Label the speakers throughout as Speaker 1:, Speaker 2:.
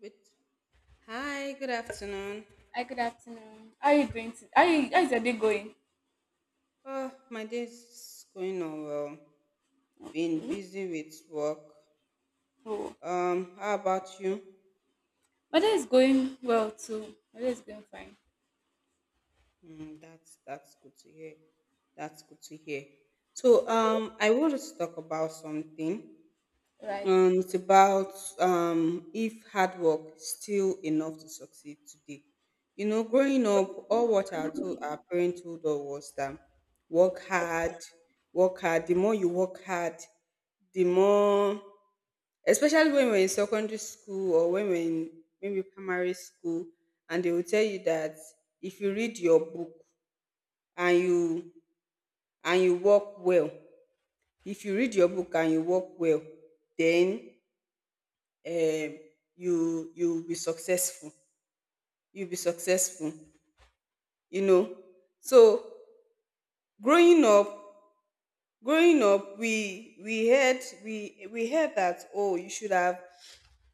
Speaker 1: With Hi, good afternoon.
Speaker 2: Hi, good afternoon. How are you doing? How
Speaker 1: Ah,
Speaker 2: you, how's your day going?
Speaker 1: Oh, my day's going on well. Been busy with work.
Speaker 2: Oh,
Speaker 1: How about you?
Speaker 2: my day is going well too. My day is going fine.
Speaker 1: That's good to hear. That's good to hear. So, I wanted to talk about something.
Speaker 2: Right.
Speaker 1: It's about if hard work is still enough to succeed today. Growing up, all what to our parents told us was that work hard, work hard. The more you work hard, the more, especially when we're in secondary school, or when we're in maybe primary school, and they will tell you that if you read your book and you and you work well, if you read your book and you work well, then um you'll be successful, you'll be successful, you know so growing up growing up, we heard that, oh, you should have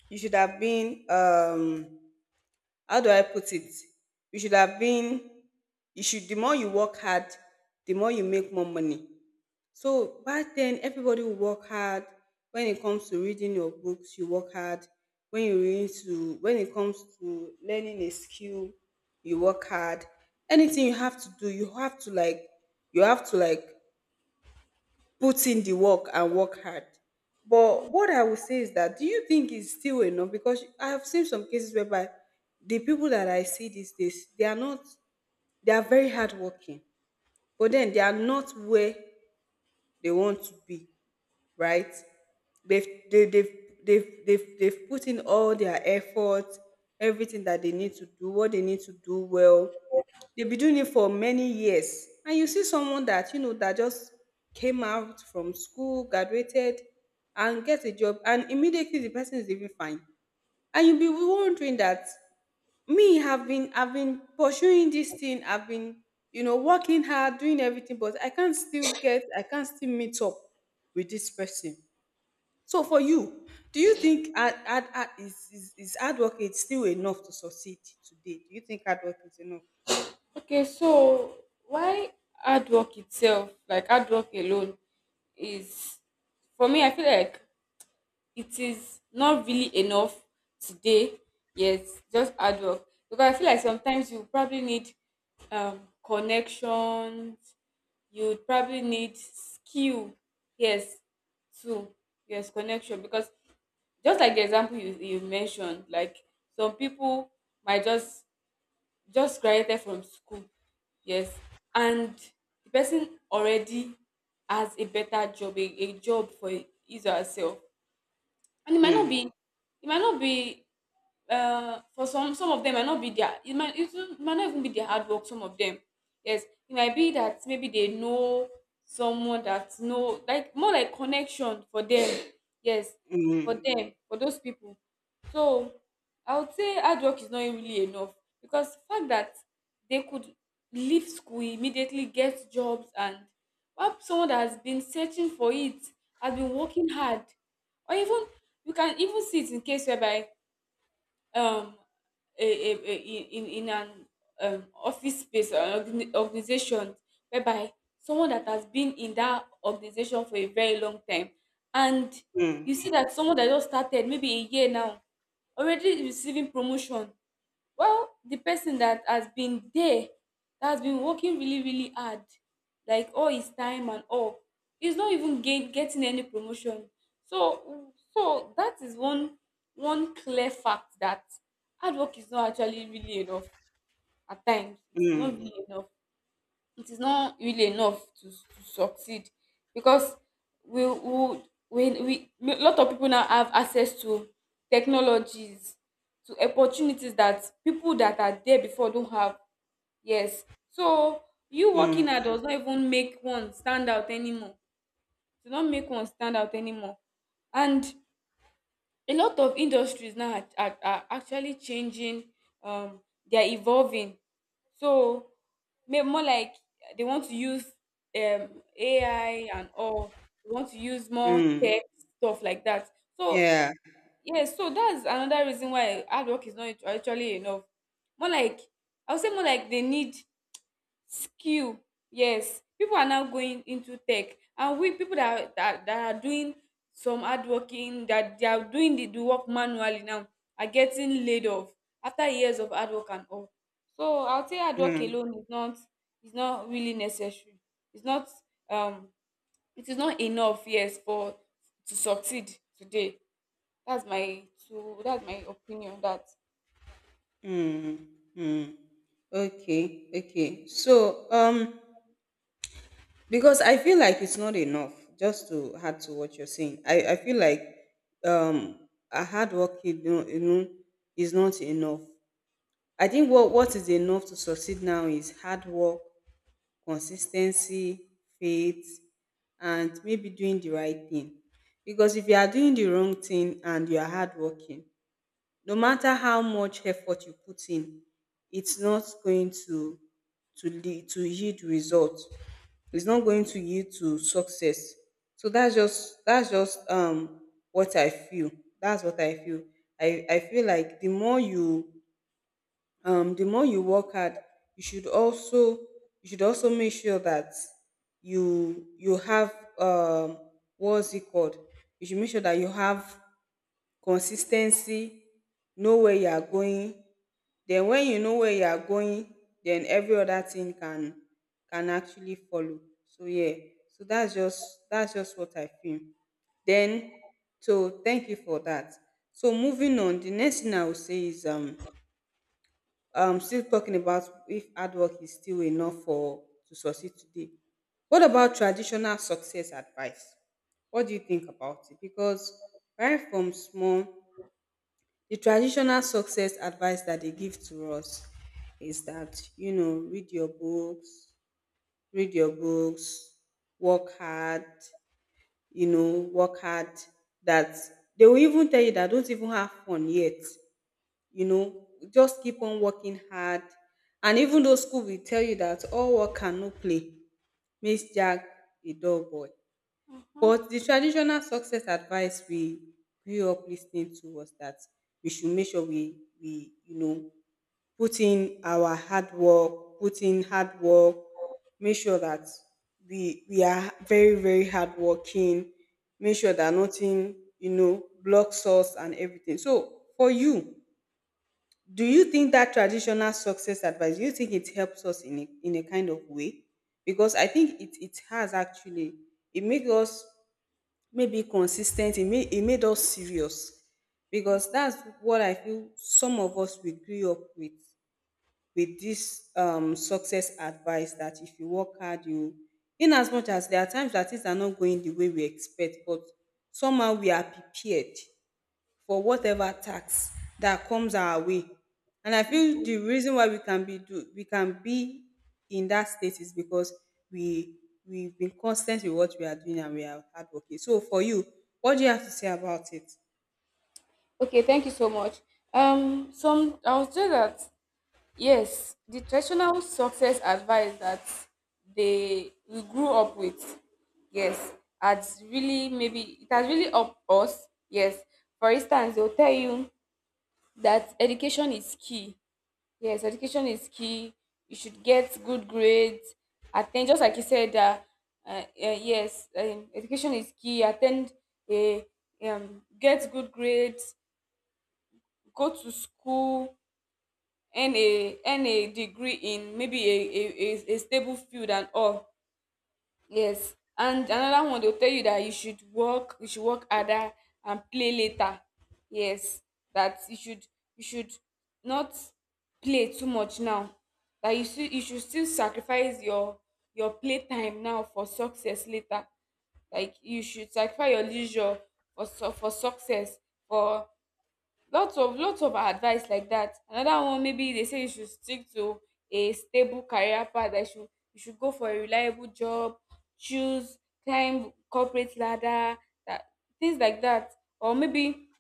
Speaker 1: you should have been how do I put it, you should have been, you should, the more you work hard, the more you make more money. So back then, everybody will work hard. When it comes to reading your books, you work hard. When it comes to learning a skill, you work hard. Anything you have to do, you have to like put in the work and work hard. But what I would say is that, do you think it's still enough? Because I have seen some cases whereby the people that I see these days, they are not, they are very hardworking, but then they are not where they want to be, right? They've they, they've put in all their effort, everything that they need to do, what they need to do well. They've been doing it for many years, and you see someone that you know that just came out from school, graduated, and gets a job, and immediately the person is even fine, and you'll be wondering that me have been I've been pursuing this thing, I've been working hard, doing everything, but I can't still meet up with this person. So for you, do you think hard, hard, hard- is hard work is still enough to succeed today? Do you think hard work is enough?
Speaker 2: Okay, so why hard work itself, like hard work alone, is for me. I feel like it is not really enough today, yes. Just hard work because I feel like sometimes you probably need connections, you would probably need skill, yes, too. Yes, connection, because just like the example you mentioned, like some people might just graduated from school, yes, and the person already has a better job, a job for his or herself. And it might not
Speaker 1: Mm,
Speaker 2: be, it might not be for some of them might not be their, it might, it don't- might not even be their hard work, some of them, yes. It might be that maybe they know someone that know, like more like connection for them, yes,
Speaker 1: mm,
Speaker 2: for them, for those people. So I would say hard work is not really enough because the fact that they could leave school, immediately get jobs, and while someone that has been searching for it, has been working hard. Or even you can even see it in case whereby, um in an office space or organization whereby someone that has been in that organization for a very long time, and you
Speaker 1: mm,
Speaker 2: see that someone that just started maybe a year now already receiving promotion. Well, the person that has been there, that has been working really, really hard, like all his time and all, he's not even getting any promotion. So, so that is one, one clear fact that hard work is not actually really enough. At times it is not
Speaker 1: mm,
Speaker 2: really enough, it is not really enough to succeed. Because we we, we a lot of people now have access to technologies, to opportunities that people that are there before don't have, yes. So you working
Speaker 1: mm,
Speaker 2: hard does not even make one stand out anymore, do not make one stand out anymore. And a lot of industries now are actually changing, um they're evolving. So, more like they want to use um AI and all, they want to use more
Speaker 1: mm.
Speaker 2: tech stuff like that. So
Speaker 1: Yeah.
Speaker 2: yes, yeah, so that's another reason why hard work is not actually enough. More like, I would say more like they need skill. Yes, people are now going into tech, and we people that are, that, that are doing some hard working, that they are doing the work manually now are getting laid off after years of hard work and all. So I'll say hard work
Speaker 1: Mm,
Speaker 2: alone is not, is not really necessary. It's not um it is not enough, yes, for to succeed today. That's my opinion on that.
Speaker 1: mm, mm. Okay, okay, so, because I feel like it's not enough, just to add to what you're saying. I feel like a hard work, is not enough. I think what is enough to succeed now is hard work, consistency, faith, and maybe doing the right thing. Because if you are doing the wrong thing and you are hardworking, no matter how much effort you put in, it's not going to lead to yield results. It's not going to yield to success. So that's just what I feel. That's what I feel. I feel like the more you work hard, you should also you should also make sure that you have, what's it called? You should make sure that you have consis ten cy, know where you are going. Then when you know where you are going, then every other thing can actually follow. So yeah, so that's just what I feel. Then, so thank you for that. So moving on, the next thing I will say is still talking about if hard work is still enough for to succeed today. What about traditional success advice? What do you think about it? Because right from small, the traditional success advice that they give to us is that, you know, read your books, work hard, you know, work hard. That they will even tell you that don't even have fun yet, you know, just keep on working hard. And even though school will tell you that all work and no play makes Jack a dull boy. But the traditional success advice we grew up listening to was that we should make sure we put in our hard work, put in hard work, make sure that we are very, very hard working. Make sure that nothing, blocks us and everything. So for you, do you think that traditional success advice, do you think it helps us in in a kind of way? Because I think it has actually, it made us maybe consistent, it made us serious, because that's what I feel some of us we grew up with. With this success advice that if you work hard, you, in as much as there are times that things are not going the way we expect, but somehow we are prepared for whatever tax that comes our way. And I feel the reason why we can be in that state is because we we've been constant with what we are doing and we are hardworking. So for you, what do you have to say about it?
Speaker 2: Okay, thank you so much. Some I would say that yes, the traditional success advice that they, we grew up with, yes, has really, maybe it has really helped us. Yes. For instance, they'll tell you that education is key. Yes, education is key. You should get good grades. Attend, just like you said that yes, education is key. Attend a get good grades, go to school, earn a degree in maybe a stable field and all. Yes, and another one, they'll tell you that you should work harder and play later. Yes, that you should, you should not play too much now, that you still, you should still sacrifice your play time now for success later. Like you should sacrifice your leisure for for success, for lots of advice like that. Another one, maybe they say you should stick to a stable career path, that you should, you should go for a reliable job, choose, climb corporate ladder, that, things like that. Or maybe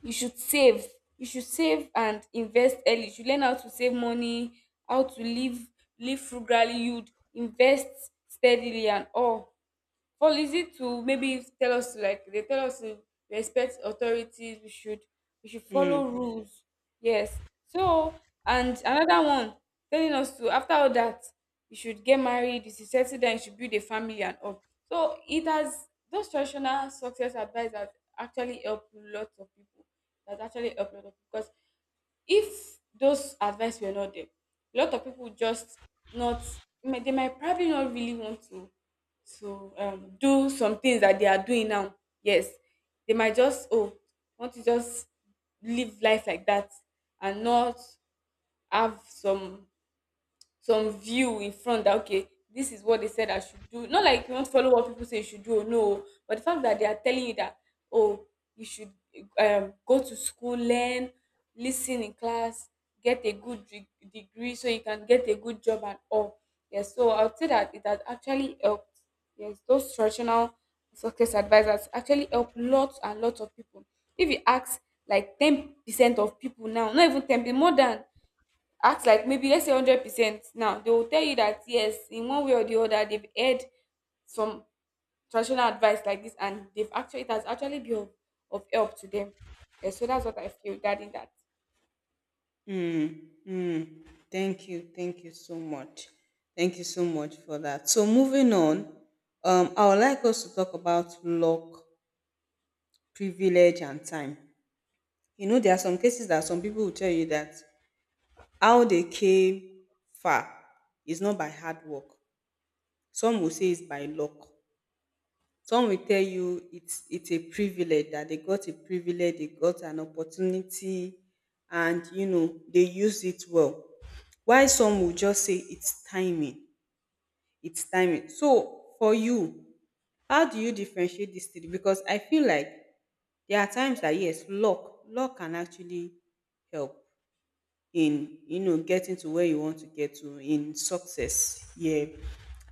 Speaker 2: you should save, you should save and invest early, you should learn how to save money, how to live, live frugality, you'd invest steadily and all. For listening to, maybe tell us to, like they tell us to respect authorities, we should, we should follow
Speaker 1: Hmm.
Speaker 2: rules, yes. So, and another one, telling us to after all that, you should get married, you should settle down, you should build a family and all. So it has, those traditional success advice has actually helped lot of people, that actually helped lot of people. Because if those advice were not there, a lot of people just not, they might probably not really want to do some things that they are doing now. Yes, they might just, oh, want to just live life like that and not have some view in front that okay, this is what they said I should do. Not like you want to follow what people say you should do or no, but the fact that they are telling you that oh, you should, go to school, learn, listen in class, get a good degree, so you can get a good job and all, yes. So I would say that it has actually helped, yes. Those traditional success advisors actually help lots and lots of people. If you ask like 10% of people now, not even 10%, more than, act like maybe let's say 100 percent now, they will tell you that yes, in one way or the other, they've heard some traditional advice like this, and they've actually, it has actually been of help to them. Yeah, so that's what I feel regarding that.
Speaker 1: Mm, mm. Thank you. Thank you so much. Thank you so much for that. So, moving on, I would like us to talk about luck, privilege, and time. There are some cases that some people will tell you that how they came far is not by hard work. Some will say it's by luck. Some will tell you it's a privilege that they got, a privilege, they got an opportunity, and they used it well. While some will just say it's timing, it's timing. So for you, how do you differentiate these three? Because I feel like there are times that, yes, luck can actually help in getting to where you want to get to in success. Yeah,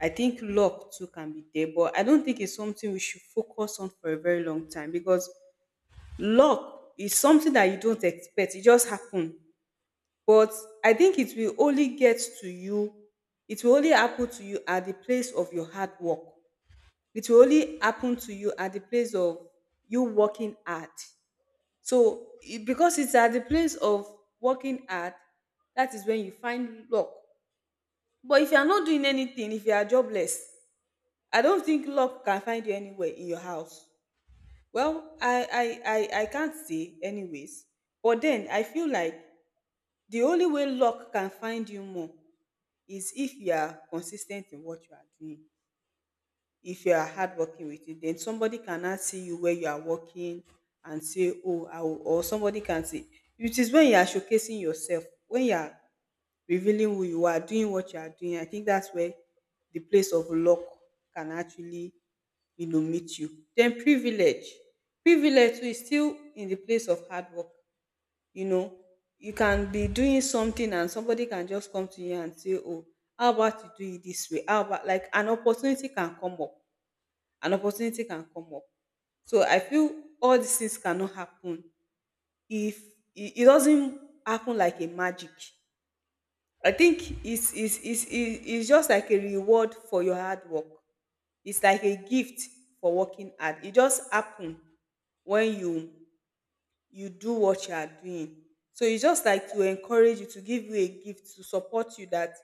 Speaker 1: I think luck too can be there, but I don't think it's something we should focus on for a very long time, because luck is something that you don't expect, it just happen. But I think it will only get to you, it will only happen to you at the place of your hard work. It will only happen to you at the place of you working hard. Because it's at the place of working hard, that is when you find luck. But if you are not doing anything, if you are jobless, I don't think luck can find you anywhere in your house. Well, I can't say, anyways. But then I feel like the only way luck can find you more is if you are consistent in what you are doing, if you are hardworking with it. Then somebody cannot see you where you are working and say, oh, I will, or somebody can see. It is when you are showcasing yourself, when you are revealing who you are, doing what you are doing. I think that's where the place of luck can actually, meet you. Then privilege. Privilege too is still in the place of hard work. You know, you can be doing something and somebody can just come to you and say, oh, how about you do it this way? How about, like, an opportunity can come up, an opportunity can come up. So I feel all these things cannot happen if it doesn't happen like a magic. I think it's just like a reward for your hard work. It's like a gift for working hard. It just happen when you do what you are doing. So it's just like to encourage you, to give you a gift, to support you that,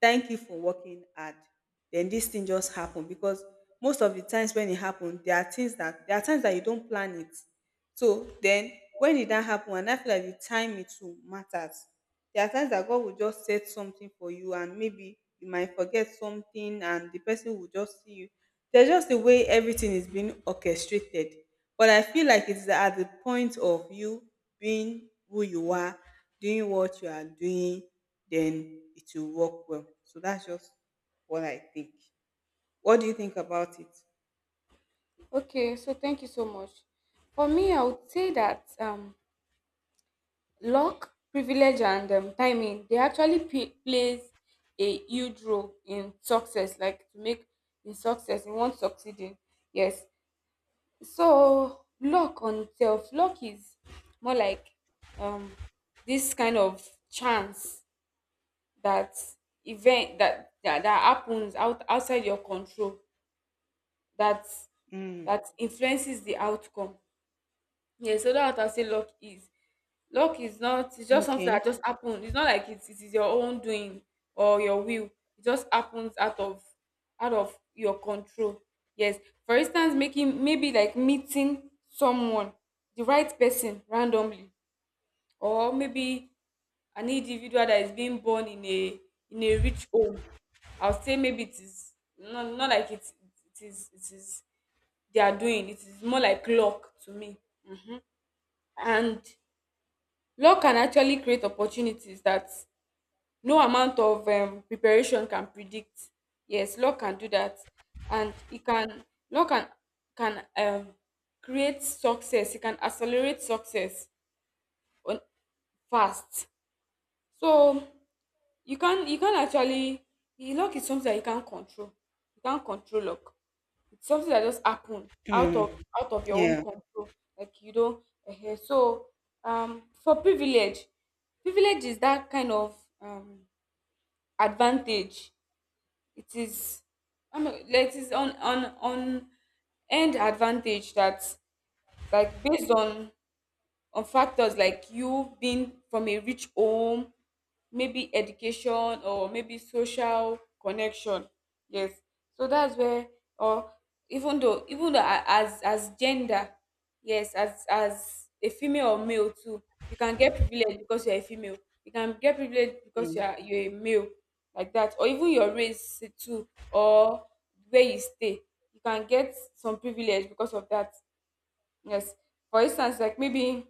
Speaker 1: thank you for working hard. Then this thing just happened because most of the times when it happened, there are times that you don't plan it. So then when it don't happen, and I feel like the time it too matters. There are times that God will just set something for you and maybe you might forget something and the person will just see you. There's just the way everything is being orchestrated. But I feel like it's at the point of you being who you are, doing what you are doing, then it will work well. So that's just what I think. What do you think about it?
Speaker 2: Okay, so thank you so much. For me, I would say that luck, privilege, and timing they actually plays a huge role in success, like to make, in success, in one succeeding, yes. So luck on itself, luck is more like um this kind of chance that, event that that happens out, outside your control, that,
Speaker 1: Mm.
Speaker 2: that influences the outcome. Yeah, so that's what I say luck is. Luck is not, it's just something
Speaker 1: Okay.
Speaker 2: that just happened. It's not like it's, it is your own doing or your will. It just happens out of, out of your control. Yes. For instance, making, maybe like meeting someone, the right person randomly, or maybe an individual that is being born in a, in a rich home. I'll say maybe it is not, not like it's, it is, it is they are doing. It is more like luck to me. And luck can actually create opportunities that no amount of preparation can predict. Yes, luck can do that, and it can, luck can create success. It can accelerate success on fast. So you can, you can actually, luck is something that you can't control. You can't control luck. It's something that just happen out
Speaker 1: Mm.
Speaker 2: of, out of your own
Speaker 1: Yeah.
Speaker 2: control. Like you don't. For privilege, privilege is that kind of um, advantage, it is, I mean, like it is on end advantage that, like based on factors like you being from a rich home, maybe education, or maybe social connection. Yes. So that's where, or even though, even though as gender, yes, as a female or male too, you can get privilege because you're a female. You can get privilege because you
Speaker 1: Mm.
Speaker 2: are, you're a male like that. Or even your race too, or where you stay, you can get some privilege because of that. Yes. For instance, like maybe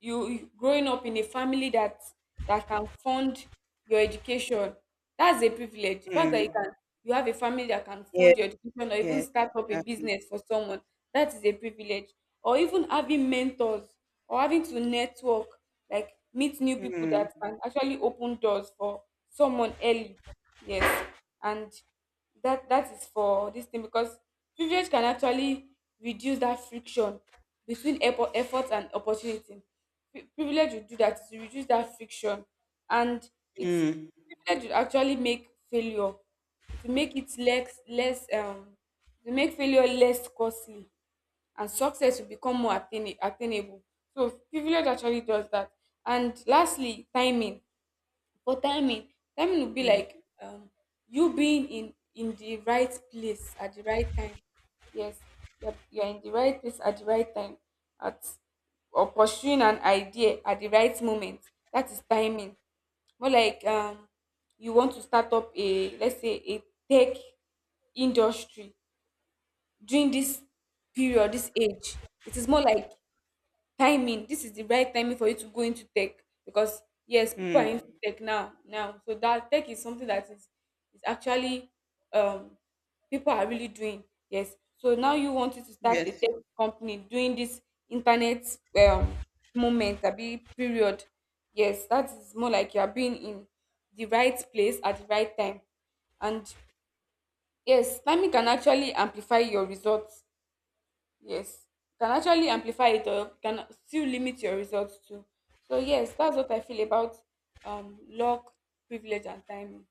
Speaker 2: growing up in a family that, that can fund your education, that's a privilege. The fact that you
Speaker 1: Mm.
Speaker 2: can, you have a family that can
Speaker 1: Yeah.
Speaker 2: fund your education, or even
Speaker 1: Yeah.
Speaker 2: start up a
Speaker 1: Exactly.
Speaker 2: business for someone, that is a privilege. Or even having mentors, or having to network, like meet new people that
Speaker 1: Mm.
Speaker 2: can actually open doors for someone early, yes. And that, that is for this thing, because privilege can actually reduce that friction between effort and opportunity. Privilege will do that, is to reduce that friction. And it's, privilege will actually make failure, it will make it less, it will make failure less costly, and success will become more attainable. So privilege actually does that. And lastly, timing. For timing, timing would be
Speaker 1: Mm.
Speaker 2: like, you being in the right place at the right time. Yes, you're in the right place at the right time, at, or pursuing an idea at the right moment. That is timing. More like you want to start up a, let's say a tech industry during this period, this age. It is more like timing, this is the right timing for you to go into tech. Because yes, people are into
Speaker 1: Mm,
Speaker 2: tech now. Now, so that tech is something that is actually um people are really doing. Yes. So now you wanted to start a
Speaker 1: yes.
Speaker 2: tech company doing this internet um moment, a big period. Yes, that is more like you are being in the right place at the right time. And yes, timing can actually amplify your results, yes, you can actually amplify it or you can still limit your results too. So yes, that's what I feel about luck, privilege and timing.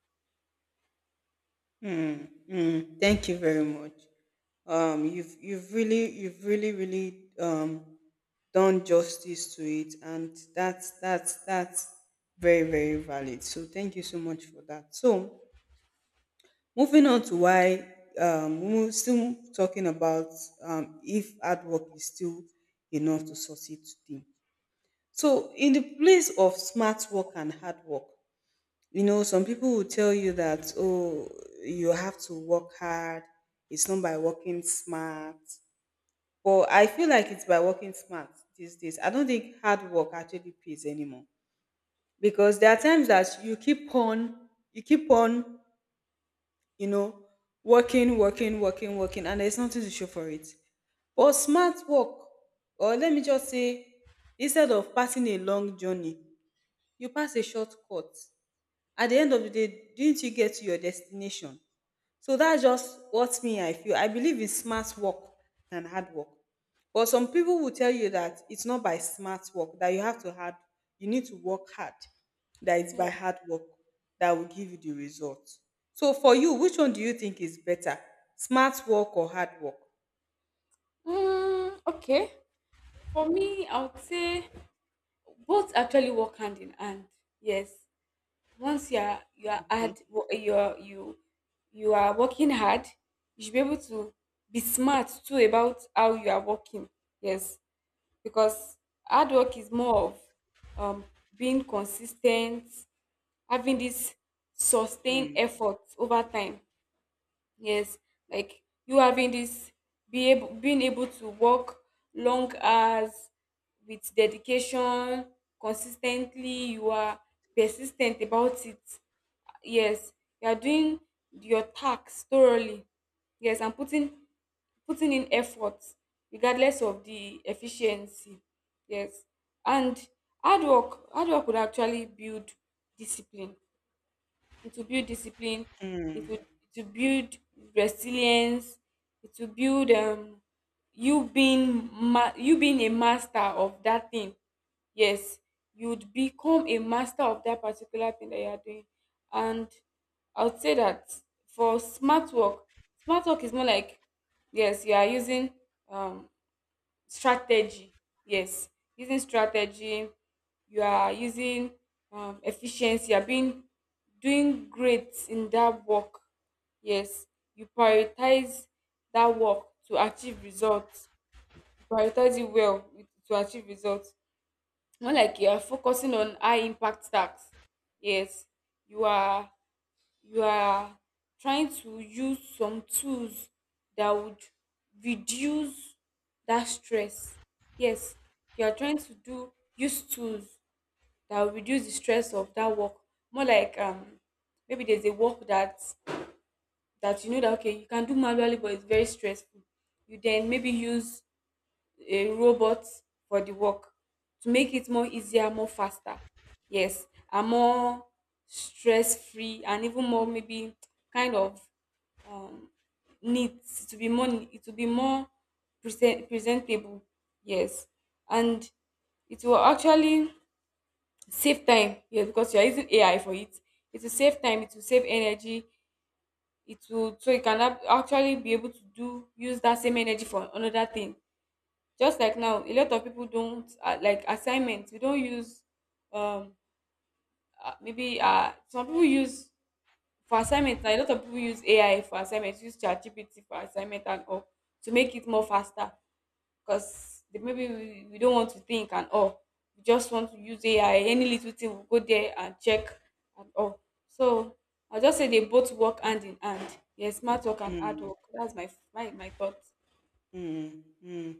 Speaker 1: Mm, mm. Thank you very much. You've really really done justice to it, and that's very very valid. So thank you so much for that. So moving on to why we're still talking about if hard work is still enough to succeed today. So in the place of smart work and hard work, some people will tell you that, oh, you have to work hard. It's not by working smart. But I feel like it's by working smart these days. I don't think hard work actually pays anymore. Because there are times that you keep on, you know, working, working, working, working, and there's nothing to show for it. But smart work, or let me just say, instead of passing a long journey, you pass a short cut. At the end of the day, didn't you get to your destination? So that's just what me, I feel. I believe in smart work and hard work, but some people will tell you that it's not by smart work, that you need to work hard, that it's
Speaker 2: yeah.
Speaker 1: by hard work that will give you the result. So for you, which one do you think is better, smart work or hard work?
Speaker 2: Okay, for me I would say both actually work hand in hand. Yes, once you are
Speaker 1: Okay.
Speaker 2: you you are working hard, you should be able to be smart too about how you are working. Yes, because hard work is more of um being consistent, having this sustained effort over time. Yes, like you having this be able being able to work long hours with dedication, consistently, you are persistent about it. Yes, you are doing your tasks thoroughly, yes, and putting in effort regardless of the efficiency. Yes, and hard work would actually build discipline, it will build discipline,
Speaker 1: Mm.
Speaker 2: it will it will build resilience, it will build, you you being a master of that thing. Yes, you would become a master of that particular thing that you are doing. And I would say that for smart work, smart work is more like, yes, you are using um strategy. Yes, using strategy, you are using efficiency, you are being doing great in that work. Yes, you prioritize that work to achieve results, you prioritize it to achieve results. Not like you are focusing on high impact tasks. Yes, you are you are trying to use some tools that would reduce that stress. Yes, you are trying to do use tools that will reduce the stress of that work. More like, maybe there's a work that you know that okay, you can do manually but it's very stressful. You then maybe use a robot for the work to make it more easier, more faster. Yes, and more stress free, and even more maybe kind of um, needs to be more, it will be more presentable. Yes, and it will actually save time, yes, because you're using AI for it. It will save time, it will save energy, it will, so you can actually be able to do use that same energy for another thing. Just like now a lot of people don't, like assignments, we don't use um maybe, some people use for assignment, now a lot of people use AI for assignments, use ChatGPT for assignment and all, to make it more faster, because maybe we don't want to think and all, we just want to use AI, any little thing we'll go there and check and all. So I'll just say they both work hand in hand. Yes, smart work and hard work, that's my thoughts.
Speaker 1: Mm, mm.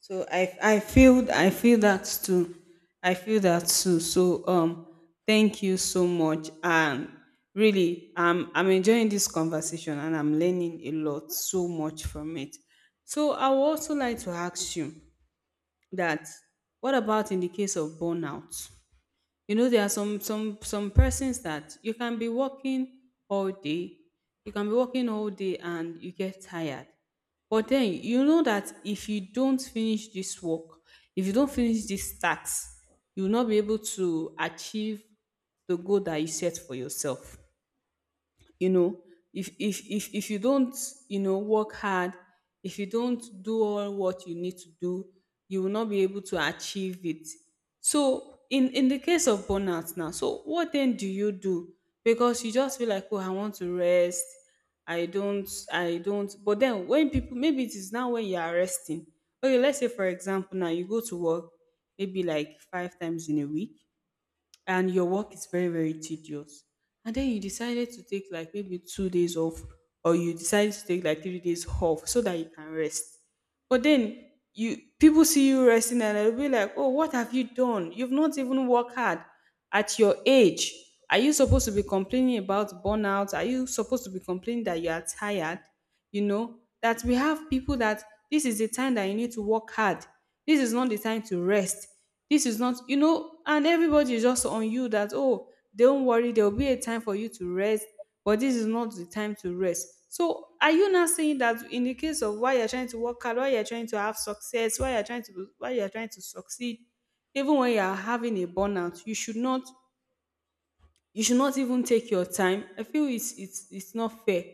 Speaker 1: So I feel, I feel that too. I feel that too. So thank you so much. And really, I'm enjoying this conversation and I'm learning a lot, so much from it. So I would also like to ask you that, what about in the case of burnout? You know, there are some persons that you can be working all day, you can be working all day and you get tired. But then you know that if you don't finish this work, if you don't finish this task, you will not be able to achieve the goal that you set for yourself, you know. If you don't, you know, work hard, if you don't do all what you need to do, you will not be able to achieve it. So in the case of burnout now, so what then do you do? Because you just feel like, oh, I want to rest. I don't. But then, when people, maybe it is now when you are resting. Okay, let's say for example now, you go to work maybe like 5 times in a week, and your work is very very tedious, and then you decided to take like maybe 2 days off, or you decided to take like 3 days off so that you can rest. But then, you people see you resting and they'll be like, oh, what have you done? You've not even worked hard. At your age, are you supposed to be complaining about burnout? Are you supposed to be complaining that you are tired? You know that we have people that, this is the time that you need to work hard. This is not the time to rest. This is not, you know, and everybody is just on you that, oh, don't worry, there will be a time for you to rest, but this is not the time to rest. So, are you not saying that in the case of why you're trying to work hard, why you're trying to have success, why you're trying to succeed, even when you are having a burnout, you should not even take your time? I feel it's it's not fair.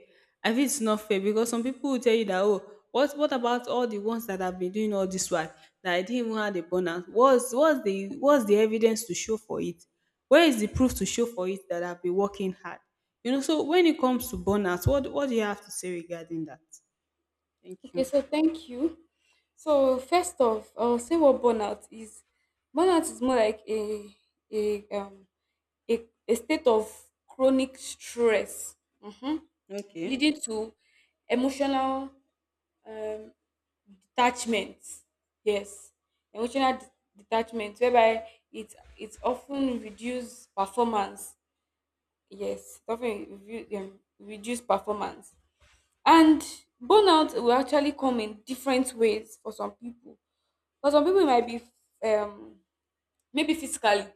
Speaker 1: I feel it's not fair, because some people will tell you that, oh, what about all the ones that have been doing all this work, that I didn't even have a bonus? What's the, what's the evidence to show for it? Where is the proof to show for it that I've been working hard? You know, so when it comes to bonus, what do you have to say regarding that? Thank
Speaker 2: Okay,
Speaker 1: you.
Speaker 2: so thank you. So first off, I'll say what burnout is. Burnout is more like a um a, a state of chronic stress, mhm,
Speaker 1: Okay.
Speaker 2: leading to emotional, um, detachment. Yes, emotional detachment, whereby it often reduce performance. Yes, it often reduce performance. And burnout will actually come in different ways for some people. For some people, it might be, um, maybe physically.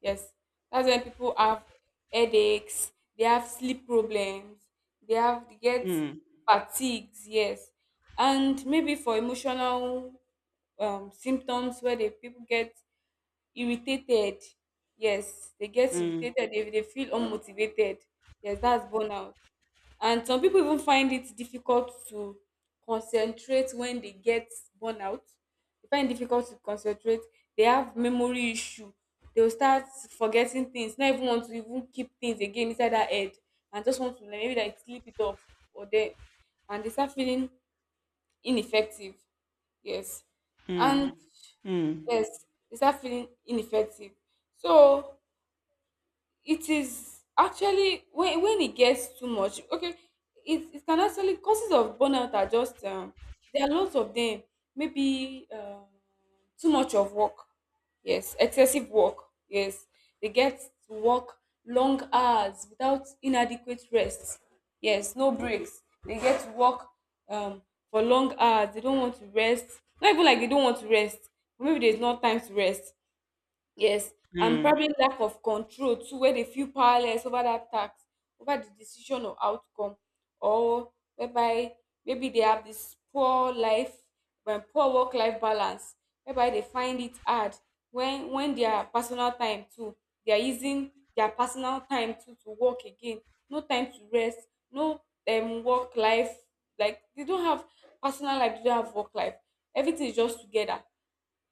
Speaker 2: Yes, that's when people have headaches, they have sleep problems, they get
Speaker 1: Mm,
Speaker 2: fatigues. Yes, and maybe for emotional symptoms, where the people get irritated. Yes, they get
Speaker 1: mm,
Speaker 2: irritated, they feel unmotivated. Yes, that's burnout. And some people even find it difficult to concentrate when they get burnout, they find it difficult to concentrate, they have memory issue, they'll start forgetting things, not even want to even keep things again inside their head, and just want to like, maybe like sleep it off, or they, and they start feeling ineffective. Yes,
Speaker 1: mm,
Speaker 2: and
Speaker 1: mm,
Speaker 2: yes, they start feeling ineffective. So it is actually when it gets too much, okay. It can actually, causes of burnout are just, there are lots of them. Maybe, too much of work, yes, excessive work. Yes, they get to work long hours without inadequate rest. Yes, no breaks, they get to work, um, for long hours, they don't want to rest, not even like they don't want to rest, maybe there's not time to rest. Yes, and
Speaker 1: mm,
Speaker 2: probably lack of control too, where they feel powerless over that tax, over the decision or outcome, or whereby maybe they have this poor life, when poor work-life balance, whereby they find it hard, when their personal time too, they are using their personal time too to work again. No time to rest, no work life, like they don't have personal life, they don't have work life. Everything is just together,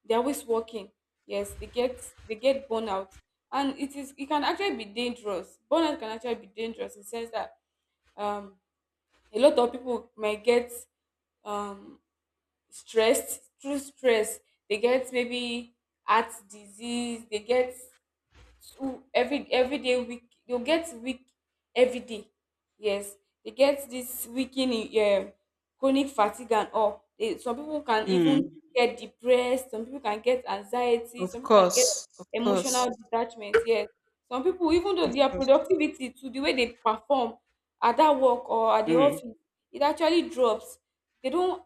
Speaker 2: they're always working. Yes, they get burnout. And it can actually be dangerous, burnout can actually be dangerous in the sense that, um a lot of people might get, um stressed, through stress they get maybe heart disease, they get two every day week, you get weak every day. Yes, they get this weakening, chronic fatigue and all. Some people can even
Speaker 1: mm.
Speaker 2: get depressed, some people can get anxiety,
Speaker 1: Of
Speaker 2: some people can get
Speaker 1: course, of course,
Speaker 2: emotional detachment. Yes, some people even
Speaker 1: of
Speaker 2: though, their
Speaker 1: course.
Speaker 2: productivity, to the way they perform at that work or at the
Speaker 1: Mm.
Speaker 2: office, it actually drops, they don't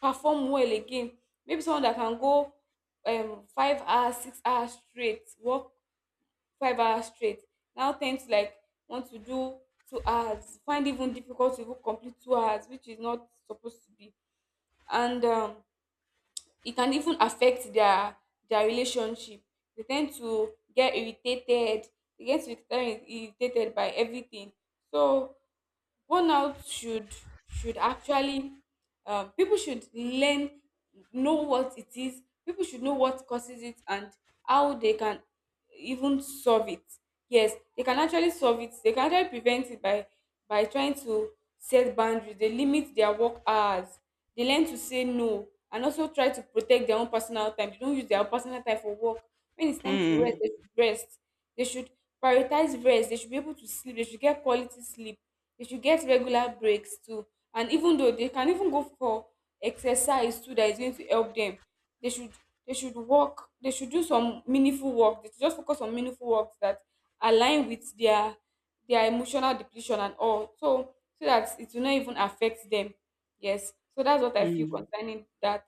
Speaker 2: perform well again. Maybe someone that can go 5 hours, 6 hours straight work, 5 hours straight, now tend to like want to do 2 hours, find even difficult to even complete 2 hours, which is not supposed to be. And it can even affect their relationship. They tend to get irritated, they get irritated, irritated by everything. So burnout should actually, people should learn, know what it is, people should know what causes it, and how they can even solve it. Yes, they can actually solve it, they can actually prevent it by trying to set boundaries, they limit their work hours, they learn to say no, and also try to protect their own personal time, they don't use their own personal time for work. When it's time to rest,
Speaker 1: Mm,
Speaker 2: they should rest, they should prioritize rest, they should be able to sleep, they should get quality sleep, they should get regular breaks too. And even though they can even go for exercise too, that is going to help them, they should, they should work, they should do some meaningful work. They should just focus on meaningful work that align with their emotional depletion and all. So so that it will not even affect them. Yes, so that's what I feel
Speaker 1: mm.
Speaker 2: concerning that.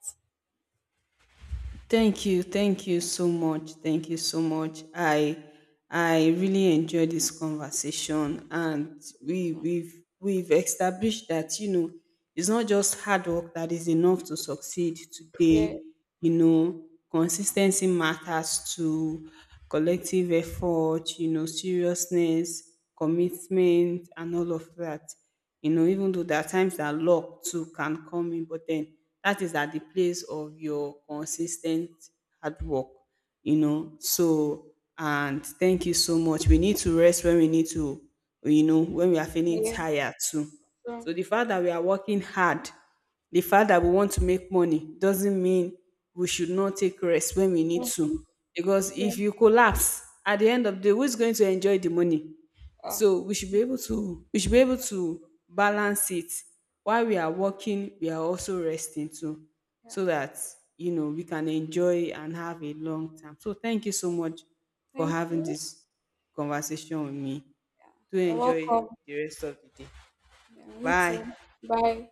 Speaker 1: Thank you so much, thank you so much. I really enjoyed this conversation, and we've established that, you know, it's not just hard work that is enough to succeed
Speaker 2: Yeah.
Speaker 1: today. You know, consistency matters, to collective effort. You know, seriousness, commitment, and all of that. You know, even though there are times that luck too can come in, but then that is at the place of your consistent hard work, you know. So, and thank you so much. We need to rest when we need to, you know, when we are feeling
Speaker 2: Yeah.
Speaker 1: tired too. So,
Speaker 2: True.
Speaker 1: the fact that we are working hard, the fact that we want to make money doesn't mean we should not take rest when we need to. Because if
Speaker 2: True.
Speaker 1: you collapse at the end of the day, who's going to enjoy the money?
Speaker 2: Uh,
Speaker 1: So we should be able to, we should be able to balance it. While we are working, we are also resting too,
Speaker 2: yeah.
Speaker 1: so that, you know, we can enjoy and have a long time. So thank you so much for
Speaker 2: Thank
Speaker 1: having
Speaker 2: you.
Speaker 1: this conversation with me. Do
Speaker 2: You're
Speaker 1: enjoy
Speaker 2: welcome.
Speaker 1: the rest of the day.
Speaker 2: Yeah, you
Speaker 1: Bye.
Speaker 2: too. Bye.